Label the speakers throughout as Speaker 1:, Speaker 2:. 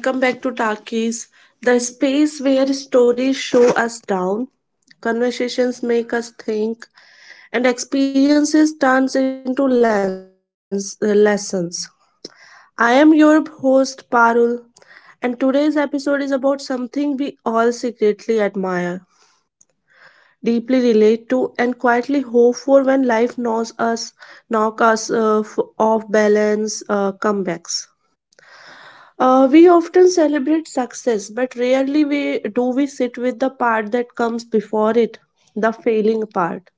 Speaker 1: Hello everyone, welcome back to Talkies, the space where stories show us down, conversations make us think, and experiences turns into lessons. I am your host Parul, and today's episode is about something we all secretly admire, deeply relate to, and quietly hope for knock us off balance, comebacks. We often celebrate success, but rarely we do we sit with the part that comes before it, the failing part,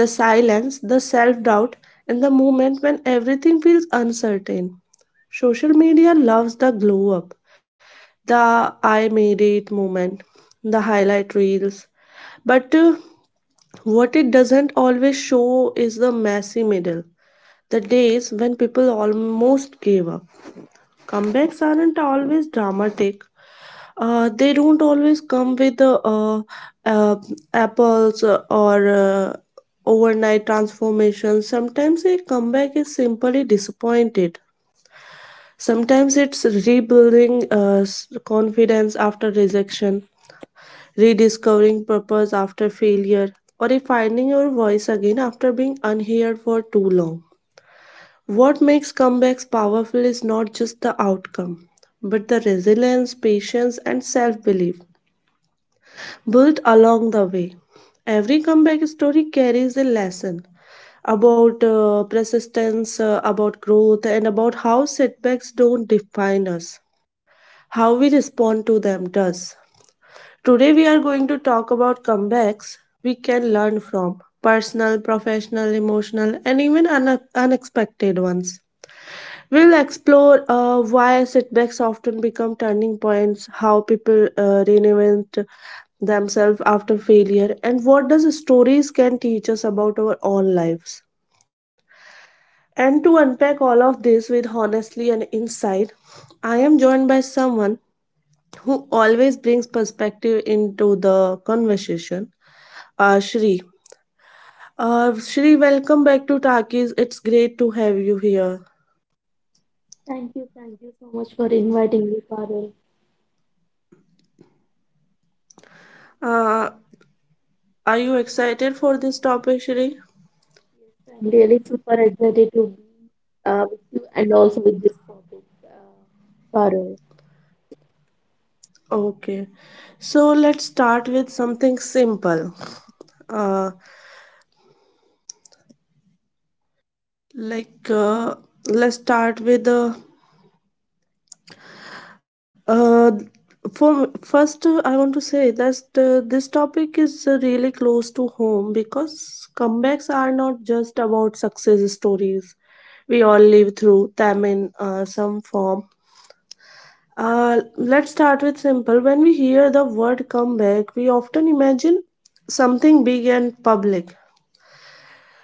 Speaker 1: the silence, the self-doubt, and the moment when everything feels uncertain. Social media loves the glow up, the I made it moment, the highlight reels. But What it doesn't always show is the messy middle, days when people almost gave up comebacks aren't always dramatic. They don't always come with uh, apples or overnight transformations. Sometimes a comeback is simply disappointed. Sometimes it's rebuilding confidence after rejection, rediscovering purpose after failure, or finding your voice again after being unheard for too long. What makes comebacks powerful is not just the outcome, but the resilience, patience, and self belief built along the way. Every comeback story carries a lesson about persistence, about growth, and about how setbacks don't define us. How we respond to them does. Today, we are going to talk about comebacks we can learn from personal, professional, emotional, and even unexpected ones. We'll explore why setbacks often become turning points, how people reinvent themselves after failure, and what does stories can teach us about our own lives. And to unpack all of this with honesty and insight, I am joined by someone who always brings perspective into the conversation, Shri. Shri, welcome back to Takis. It's great to have you here.
Speaker 2: Thank you so much for inviting me, Parul.
Speaker 1: Uh, are you excited for this topic, Shri?
Speaker 2: Yes, I'm really super excited to be with you and also with this topic, Parul.
Speaker 1: Okay, so let's start with something simple. Uh, like let's start with uh, for first I want to say that this topic is really close to home because comebacks are not just about success stories. We all live through them in some form. Let's start with simple. When we hear the word comeback, we often imagine something big and public.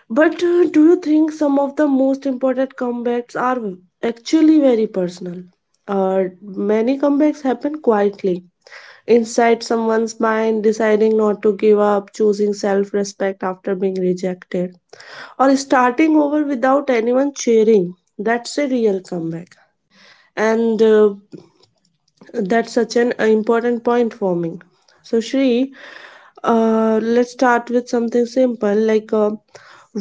Speaker 1: But do you think some of the most important comebacks are actually very personal? Many comebacks happen quietly, inside someone's mind, deciding not to give up, choosing self respect after being rejected, or starting over without anyone cheering. That's a real comeback. And that's such an important point for me. So, Shri, let's start with something simple like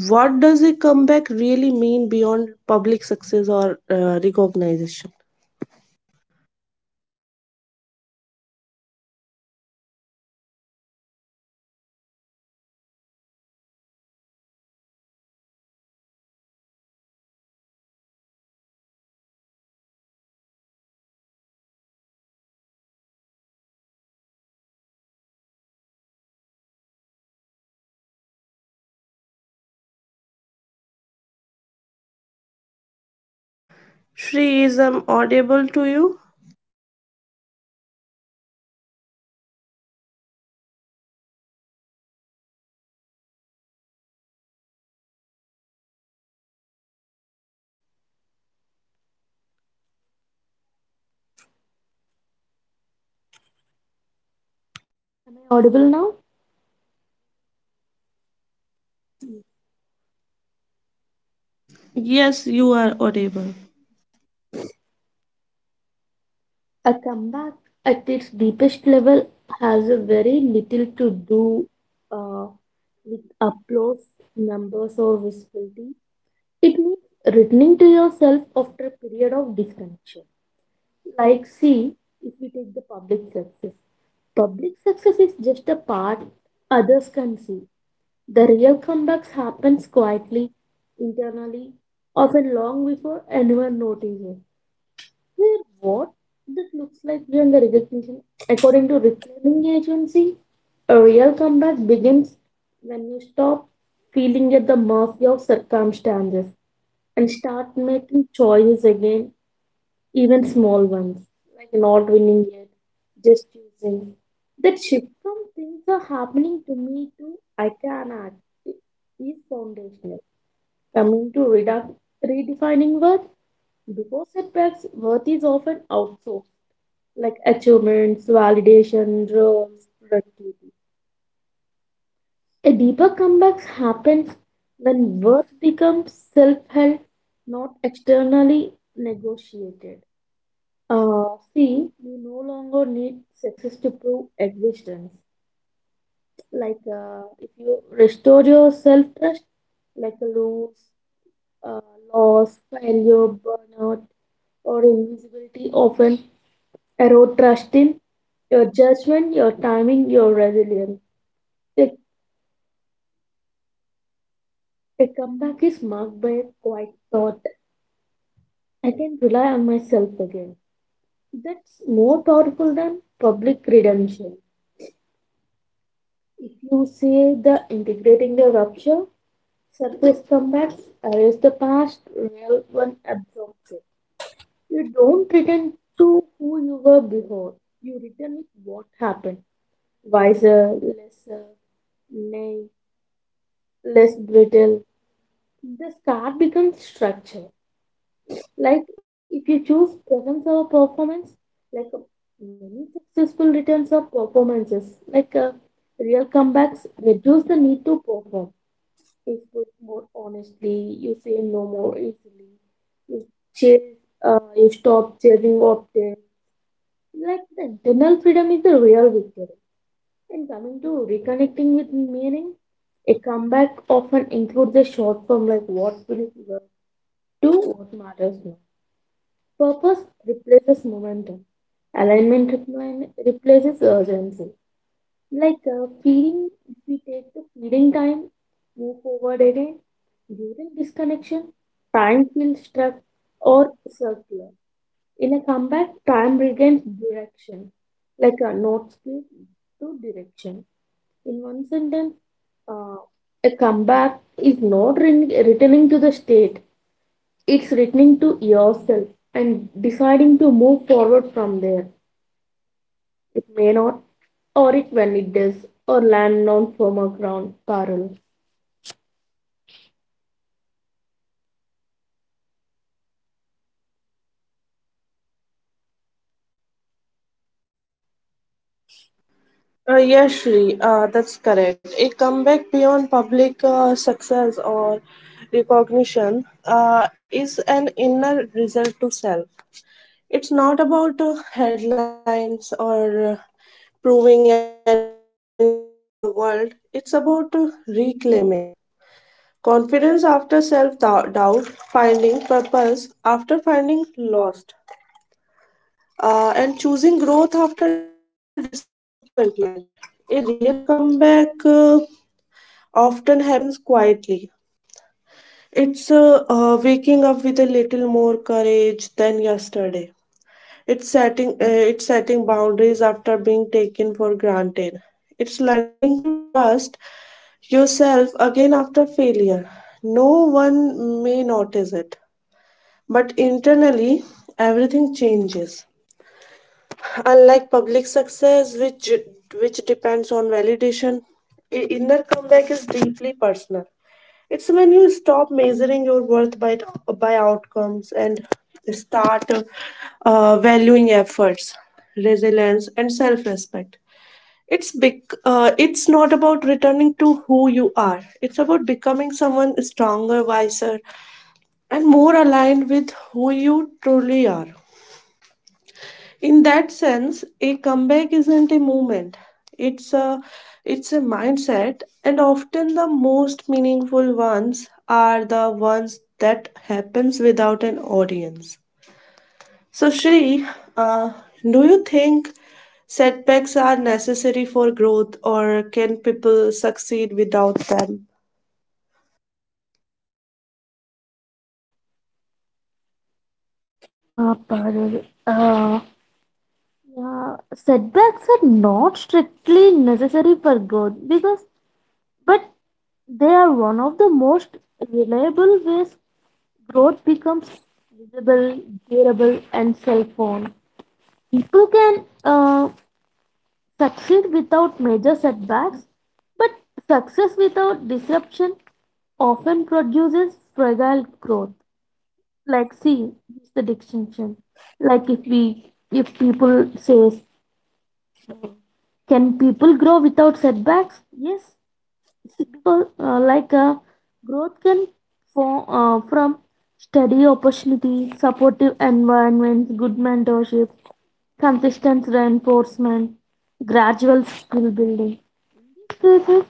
Speaker 1: what does a comeback really mean beyond public success or recognition? Shri, is I'm audible to you?
Speaker 2: Am I audible now?
Speaker 1: Yes, you are audible.
Speaker 2: A comeback at its deepest level has a very little to do uh, with applause, numbers, or visibility. It means returning to yourself after a period of disconnection. Like, see, if we take the public success is just a part others can see. The real comebacks happens quietly, internally, often long before anyone notices. Here, what this looks like beyond the recognition, according to reclaiming agency, a real comeback begins when you stop feeling at the mercy of circumstances and start making choices again, even small ones, like not winning yet, just choosing. That shift from things are happening to me to I can act i- is foundational. Coming to redefining worth, before setbacks, worth is often outsourced, like achievements, validation, roles, productivity. A deeper comeback happens when worth becomes self held, not externally negotiated. Uh, See, you no longer need success to prove existence. Like, if you restore your self trust, like a uh, loss, failure, burnout, or invisibility often erode trust in your judgment, your timing, your resilience. A, a comeback is marked by a quiet thought. I can rely on myself again. That's more powerful than public redemption. If you say the integrating the rupture, surface comebacks erase the past, real one absorbs it. You don't return to who you were before. You return with what happened. Wiser, lesser, naive, less brittle. The scar becomes structure. Like if you choose presence over performance, like uh, many successful returns of performances, real comebacks reduce the need to perform Facebook more honestly, you say no more easily, you chase, you stop chasing objects. Like the internal freedom is the real victory. And coming to reconnecting with meaning, a comeback often includes a short form like what will work to what matters now. Purpose replaces momentum. Replaces urgency. Like feeding, if we take the feeding time, move forward again. During disconnection, time feels stuck or circular. In a comeback, time regains direction, like a note split to direction. In one sentence, uh, a comeback is not returning to the state, it's returning to yourself and deciding to move forward from there. It may not, or it when it does, or land on firmer ground, Parul.
Speaker 1: Yes, Shri, that's correct. A comeback beyond public success or recognition is an inner result to self. It's not about headlines or proving anything to the world, it's about reclaiming confidence after self doubt, finding purpose after finding lost, and choosing growth after disappointment. A real comeback often happens quietly. It's waking up with a little more courage than yesterday. It's setting boundaries after being taken for granted. It's learning to trust yourself again after failure. No one may notice it, internally everything changes. Unlike public success, which depends on validation, inner comeback is deeply personal. It's when you stop measuring your worth by outcomes and start valuing efforts, resilience, self-respect. It's big. It's not about returning to who you are. It's about becoming someone stronger, wiser, and more aligned with who you truly are. In that sense a comeback isn't a movement. it's a it's a mindset, and often the most meaningful ones are the ones that happens without an audience. So, Shri, uh, do you think setbacks are necessary for growth, or can people succeed without them?
Speaker 2: Parul, yeah, setbacks are not strictly necessary for growth because, but they are one of the most reliable ways growth becomes visible, durable, and self-owned. People can succeed without major setbacks, but success without disruption often produces fragile growth. Like see it's the distinction, like if we if people says can people grow without setbacks? Yes, because growth can form from steady opportunities, supportive environments, good mentorship, consistent reinforcement, gradual skill building. In these cases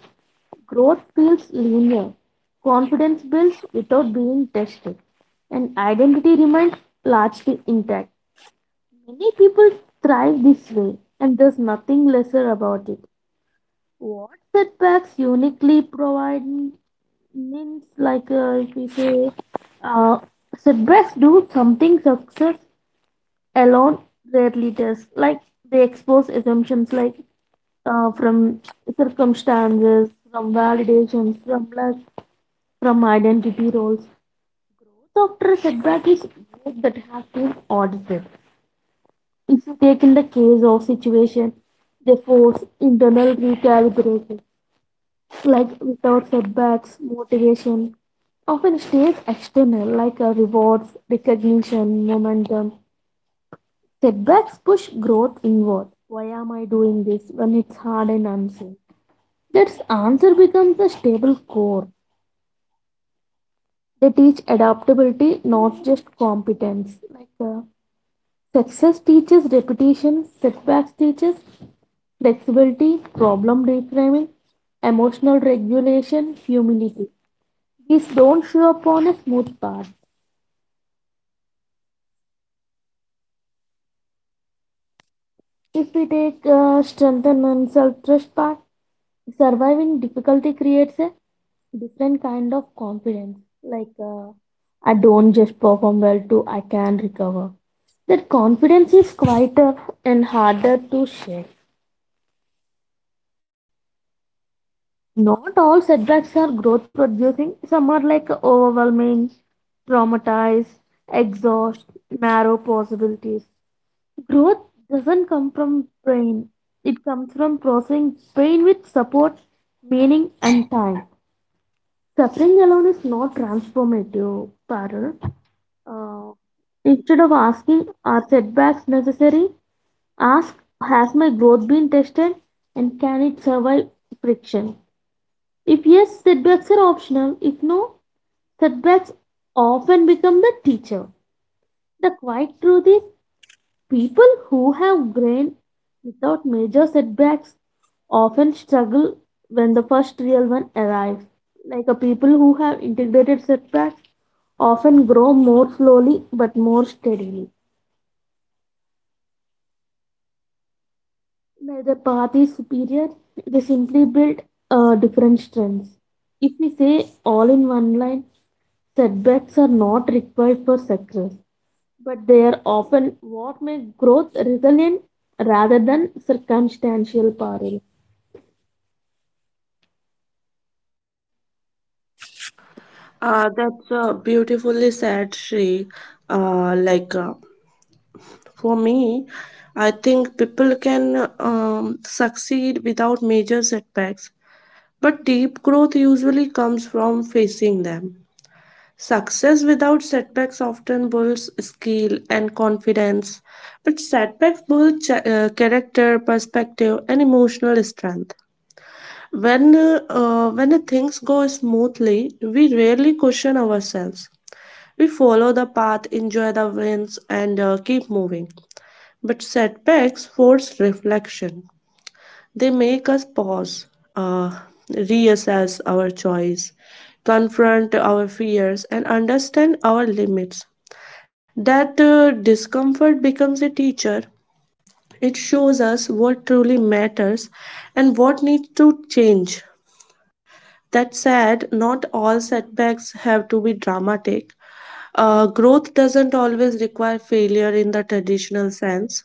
Speaker 2: growth feels linear, confidence builds without being tested, and identity remains largely intact. Many people thrive this way, and there's nothing lesser about it. What setbacks uniquely provide means, if we say, uh, setbacks do something success alone rarely does. Like they expose assumptions, from circumstances, from validations, from luck, from identity roles. Growth after a setback is growth that has been audited. If you take in the case of situation, they force internal recalibration. Like without setbacks, motivation often stays external, rewards, recognition, momentum. Setbacks push growth inward. Why am I doing this when it's hard and unseen? That answer becomes a stable core. They teach adaptability, not just competence. Success teaches repetition, setbacks teaches flexibility, problem reframing, emotional regulation, humility. These don't show up on a smooth path. If we take strengthen and self trust path, surviving difficulty creates a different kind of confidence. Like, I don't just perform well, too, I can recover. That confidence is quieter and harder to shake. Not all setbacks are growth producing, some are like overwhelming, traumatized, exhaust, narrow possibilities. Growth doesn't come from pain. It comes from processing pain with support, meaning, and time. Suffering alone is not transformative, Parul. Uh, Instead of asking, are setbacks necessary? Ask, has my growth been tested and can it survive friction? If yes, setbacks are optional. If no, setbacks often become the teacher. The quiet truth is people who have grain without major setbacks often struggle when the first real one arrives. Like a people who have integrated setbacks often grow more slowly but more steadily. Neither path is superior, they simply build different strengths. If we say all in one line, setbacks are not required for success, but they are often what make growth resilient rather than circumstantial parallel.
Speaker 1: That's beautifully said, Shri. uh, like uh, For me, I think people can succeed without major setbacks, but deep growth usually comes from facing them. Success without setbacks often builds skill and confidence, but setbacks build character, perspective, and emotional strength. When things go smoothly, we rarely question ourselves. We follow the path, enjoy the wins, and keep moving. But setbacks force reflection. They make us pause, reassess our choice, confront our fears, and understand our limits. That discomfort becomes a teacher. It shows us what truly matters and what needs to change. That said, not all setbacks have to be dramatic. Growth doesn't always require failure in the traditional sense.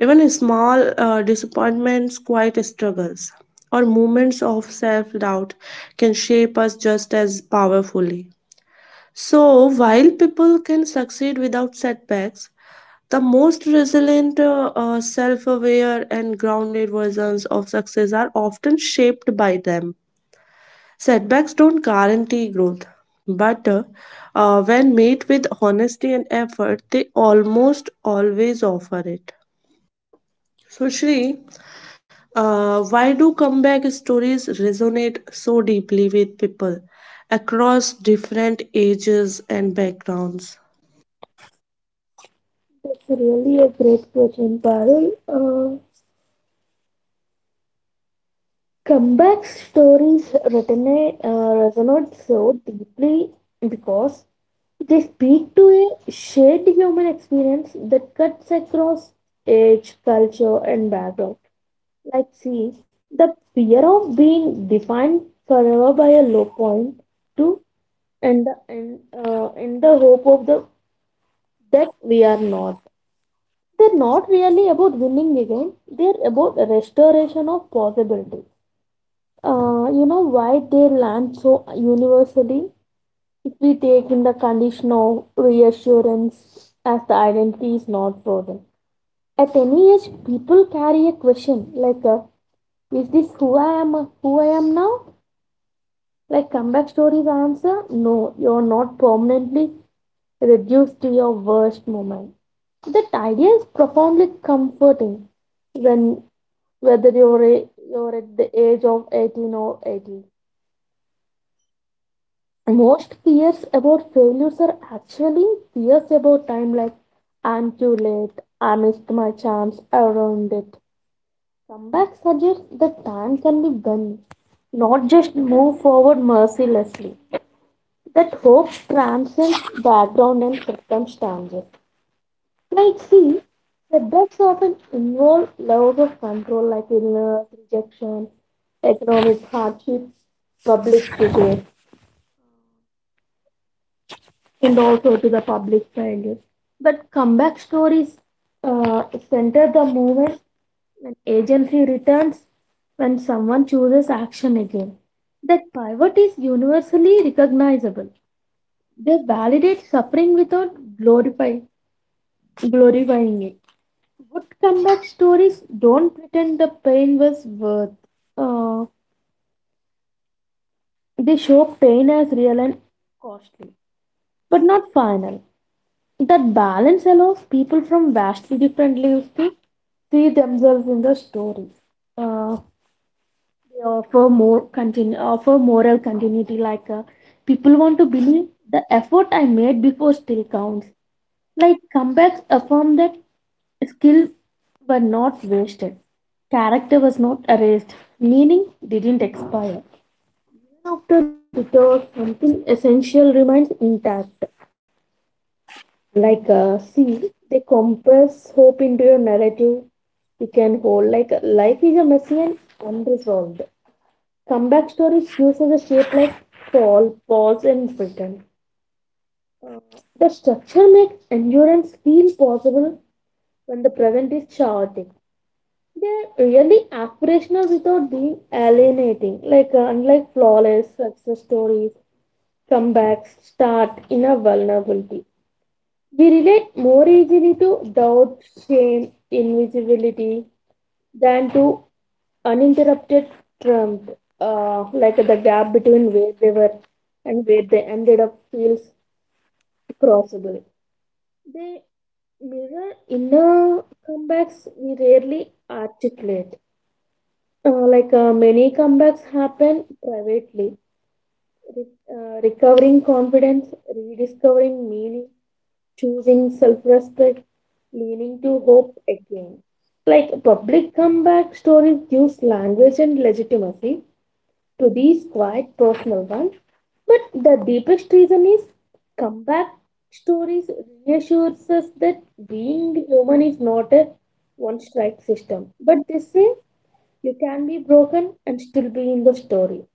Speaker 1: Even small disappointments, quiet struggles, or moments of self doubt can shape us just as powerfully. So, while people can succeed without setbacks, the most resilient, self aware, and grounded versions of success are often shaped by them. Setbacks don't guarantee growth, but when met with honesty and effort, they almost always offer it. So, Shri, why do comeback stories resonate so deeply with people across different ages and backgrounds?
Speaker 2: It's really a great question, Parul. Uh, Comeback stories resonate so deeply because they speak to a shared human experience that cuts across age, culture, and background. Like, see, the fear of being defined forever by a low point, to and the, and, and the hope of the that we are not. They're not really about winning again, they're about restoration of possibility. You know why they land so universally? If we take in the condition of reassurance as the identity is not frozen. At any age, people carry a question like, is this who I am now? Like comeback stories answer, no, you're not permanently reduced to your worst moment. That idea is profoundly comforting when whether you're at the age of 18 or 80. Most fears about failures are actually fears about time, like I'm too late, I missed my chance, I ruined it. Comeback suggests that time can be bent, not just move forward mercilessly. That hope transcends background and circumstances. Like, see, setbacks often involve loss of control, like illness, rejection, economic hardships, public figure, and also to the public failure. But comeback stories uh, center the moment when agency returns, when someone chooses action again. That pivot is universally recognizable. They validate suffering without glorify, glorifying it. Good comeback stories don't pretend the pain was worth. Uh, they show pain as real and costly, but not final. That balance allows people from vastly different lives to see themselves in the stories. Uh, they offer more offer moral continuity, people want to believe the effort I made before still counts. Like comebacks affirm that skill were not wasted, character was not erased, meaning didn't expire. Even after detour, something essential remains intact. See, they compress hope into a narrative we can hold. Like life is a messy and unresolved. Comeback stories use as a shape like fall, pause, and return. The structure makes endurance feel possible when the present is chaotic. They're really aspirational without being alienating, unlike flawless success stories, comebacks start in a vulnerability. We relate more easily to doubt, shame, invisibility than to uninterrupted trump, like the gap between where they were and where they ended up feels crossable. They mirror inner comebacks we rarely articulate. Many comebacks happen privately, recovering confidence, rediscovering meaning, choosing self respect, leaning to hope again. Like public comeback stories gives language and legitimacy to these quite personal ones, but the deepest reason is comeback stories reassures us that being human is not a one strike system, but they say you can be broken and still be in the story.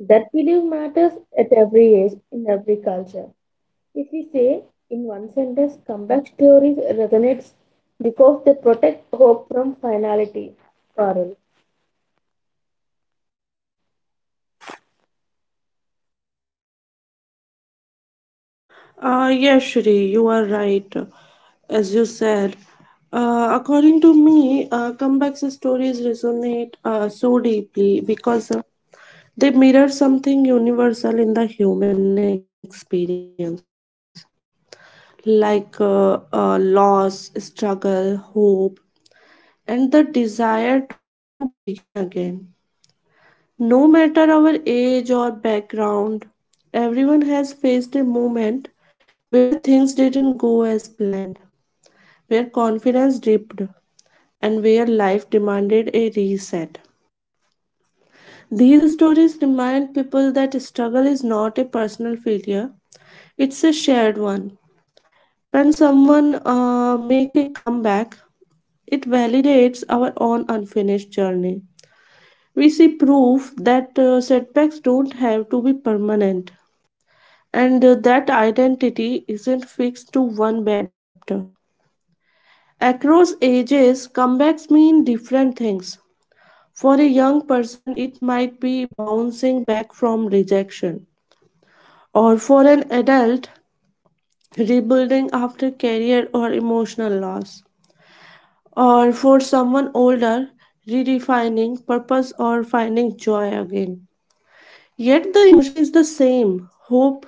Speaker 2: That belief matters at every age, in every culture. If we say in one sentence, comeback stories resonates because they protect hope from finality. Parul.
Speaker 1: Yes, Shri, you are right. As you said, according to me, comeback stories resonate so deeply because they mirror something universal in the human experience, like loss, struggle, hope, and the desire to begin again. No matter our age or background, everyone has faced a moment where things didn't go as planned, where confidence dipped, and where life demanded a reset. These stories remind people that struggle is not a personal failure, it's a shared one. When someone make a comeback, it validates our own unfinished journey. We see proof that setbacks don't have to be permanent, and that identity isn't fixed to one bad chapter. Across ages, comebacks mean different things. For a young person, it might be bouncing back from rejection, or for an adult, rebuilding after career or emotional loss, or for someone older, redefining purpose or finding joy again. Yet the emotion is the same hope.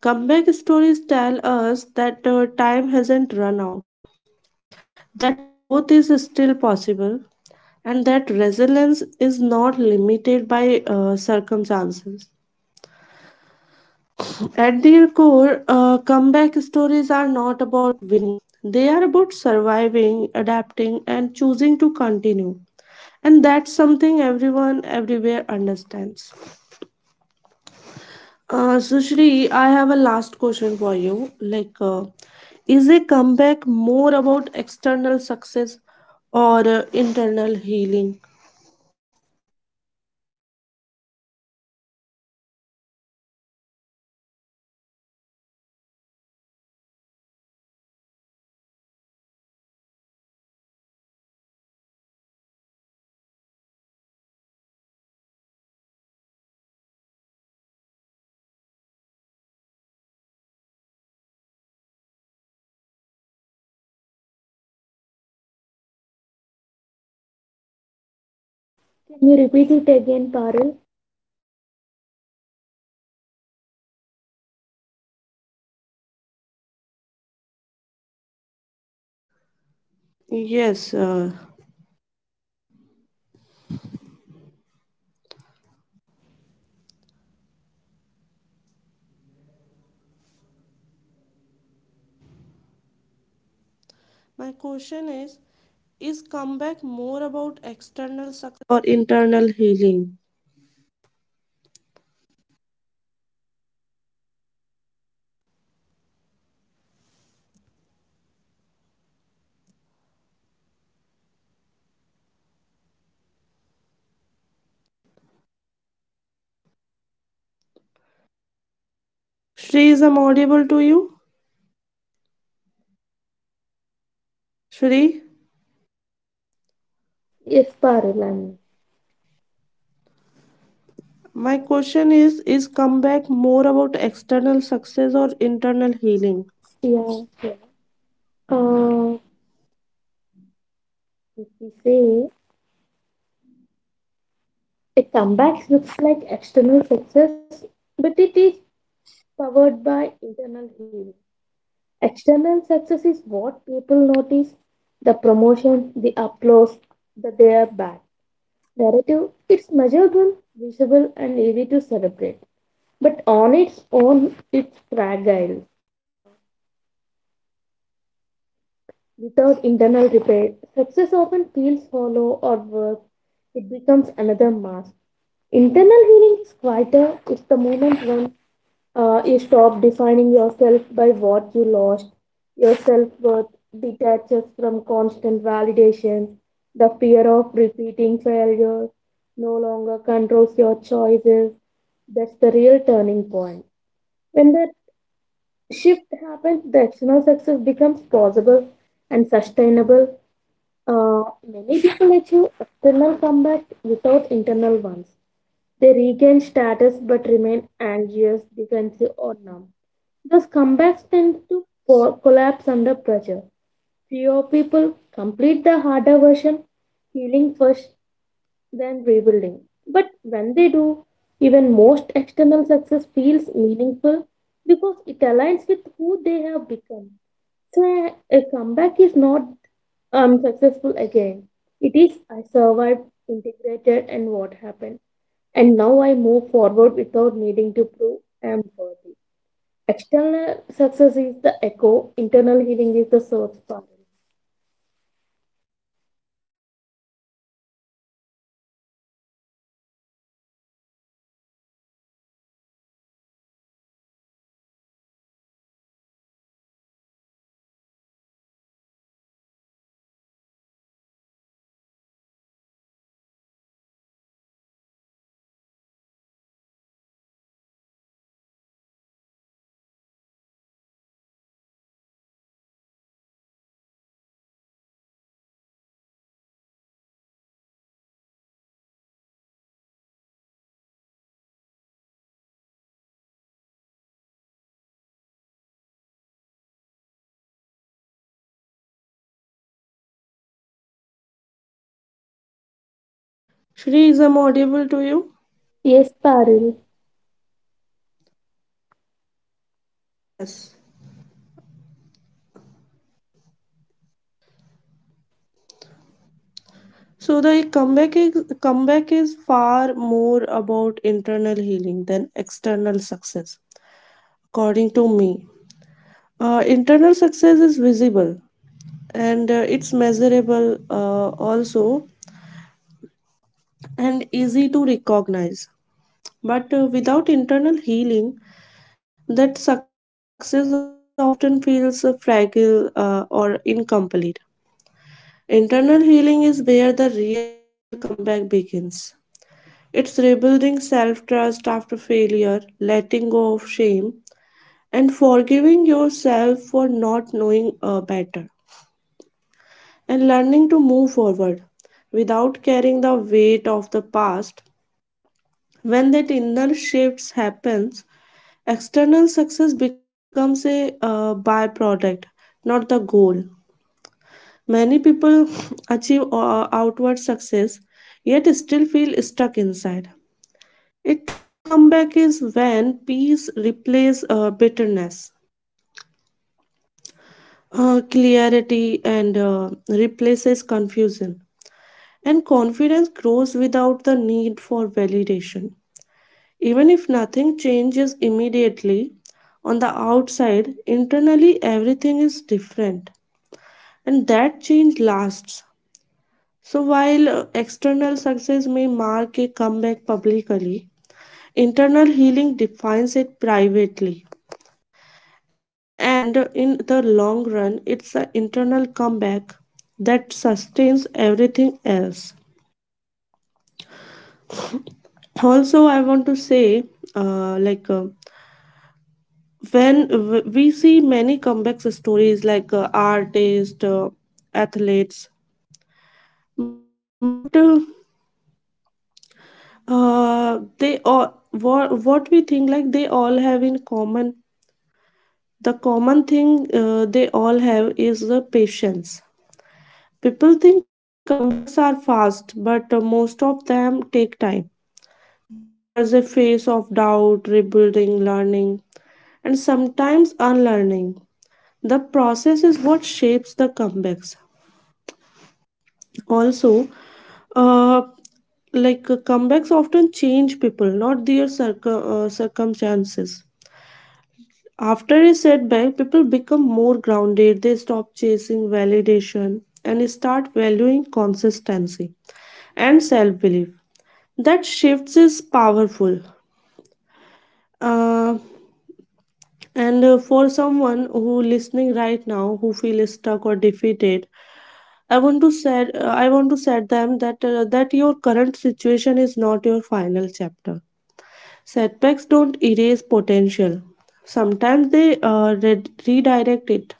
Speaker 1: Comeback stories tell us that time hasn't run out, that growth is still possible, and that resilience is not limited by circumstances. At their core, comeback stories are not about they are about surviving, adapting, and choosing to continue. And that's something everyone everywhere understands. Sushri, I have a last question for you. Is a comeback more about external success or internal healing?
Speaker 2: Can you repeat it again, Parul?
Speaker 1: Yes, Shri, is I'm audible to you? Shri,
Speaker 2: Yes, Parul. I'm-
Speaker 1: my question is comeback more about external success or internal healing?
Speaker 2: Yeah, yeah. Uh, if we say a comeback looks like external success, but it is powered by internal healing. External success is what people notice the promotion, the applause, that they are back. Narrative, it's measurable, visible, and easy to celebrate. But on its own, it's fragile. Without internal repair, success often feels hollow or worse. It becomes another mask. Internal healing is quieter, it's the moment when you stop defining yourself by what you lost. Your self worth detaches from constant validation. The fear of repeating failure no longer controls your choices. That's the real turning point. When that shift happens, the external success becomes possible and sustainable. Uh, Many people achieve external comebacks without internal ones. They regain status but remain anxious, defensive, or numb. Those comebacks tend to collapse under pressure. Fewer people complete the harder version, healing first, then rebuilding. But when they do, even most external success feels meaningful because it aligns with who they have become. So a comeback is not unsuccessful again. It is I survived, integrated, and what happened and now I move forward without needing to prove I am worthy. External success is the echo, internal healing is the source, Paril.
Speaker 1: Shri, is I'm audible to you?
Speaker 2: Yes, Paril.
Speaker 1: Yes. So the comeback is far more about internal healing than external success, according me. Internal success is visible and it's measurable also and easy to recognize. But without internal healing, that success often feels fragile or incomplete. Internal healing is where the real comeback begins. It's rebuilding self trust after failure, letting go of shame, and forgiving yourself for not knowing better, and learning to move forward without carrying the weight of the past. When that inner shift happens, external success becomes a byproduct, not the goal. Many people achieve outward success yet still feel stuck inside. A true comeback is when peace replaces bitterness, clarity and replaces confusion, and confidence grows without the need for validation. Even if nothing changes immediately on the outside, internally everything is different, and that change lasts. So while external success may mark a comeback publicly, internal healing defines it privately. And in the long run, it's an internal comeback that sustains everything else. Also, I want to say, uh, like, uh, we see many comebacks stories like artists, athletes, but they all, what we think like they all have in common. The common thing they all have is patience. People think comebacks are fast, but most of them take time. There's a phase of doubt, rebuilding, learning, and sometimes unlearning. The process is what shapes the comebacks. Also, uh, comebacks often change people, not their circumstances. After a setback, more grounded, they stop chasing validation and start valuing consistency and self belief. That shifts is powerful. Uh, and For someone who listening right now who feel stuck or defeated, I want to set them that that your current situation is not your final chapter. Setbacks don't erase potential. Sometimes they redirect it.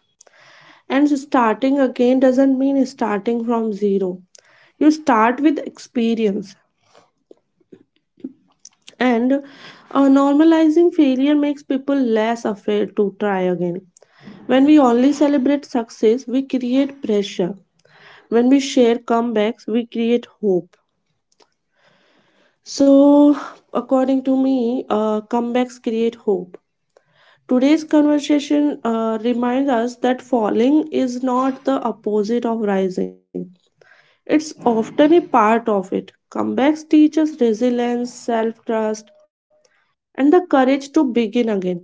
Speaker 1: And starting again doesn't mean starting from zero. You start with experience, and normalizing failure makes people less afraid to try again. When we only celebrate success, we create pressure. When we share comebacks, we create hope. So, according to me, comebacks create hope. Today's conversation reminds us that falling is not the opposite of rising. It's often a part of it. Comebacks teach us resilience, self trust, and the courage to begin again,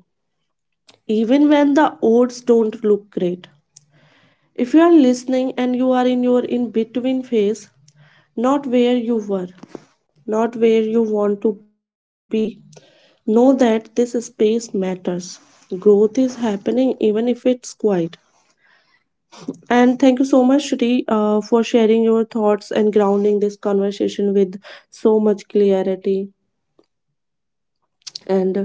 Speaker 1: even when the odds don't look great. If you are listening and you are in your in between phase, not where you were, not where you want to be, know that this space matters. Growth is happening even if it's quiet. And thank you so much, Shri, for sharing your thoughts and grounding this conversation with so much clarity. and uh,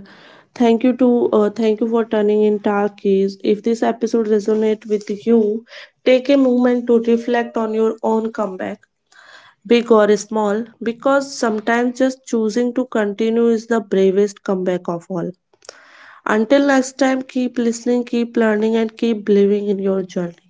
Speaker 1: thank you to uh, thank you for turning in talkies. If this episode resonate with you, take a moment to reflect on your own comeback, big or small, because sometimes just choosing to continue is the bravest comeback of. Until next time, keep listening, keep learning, and keep believing in your journey.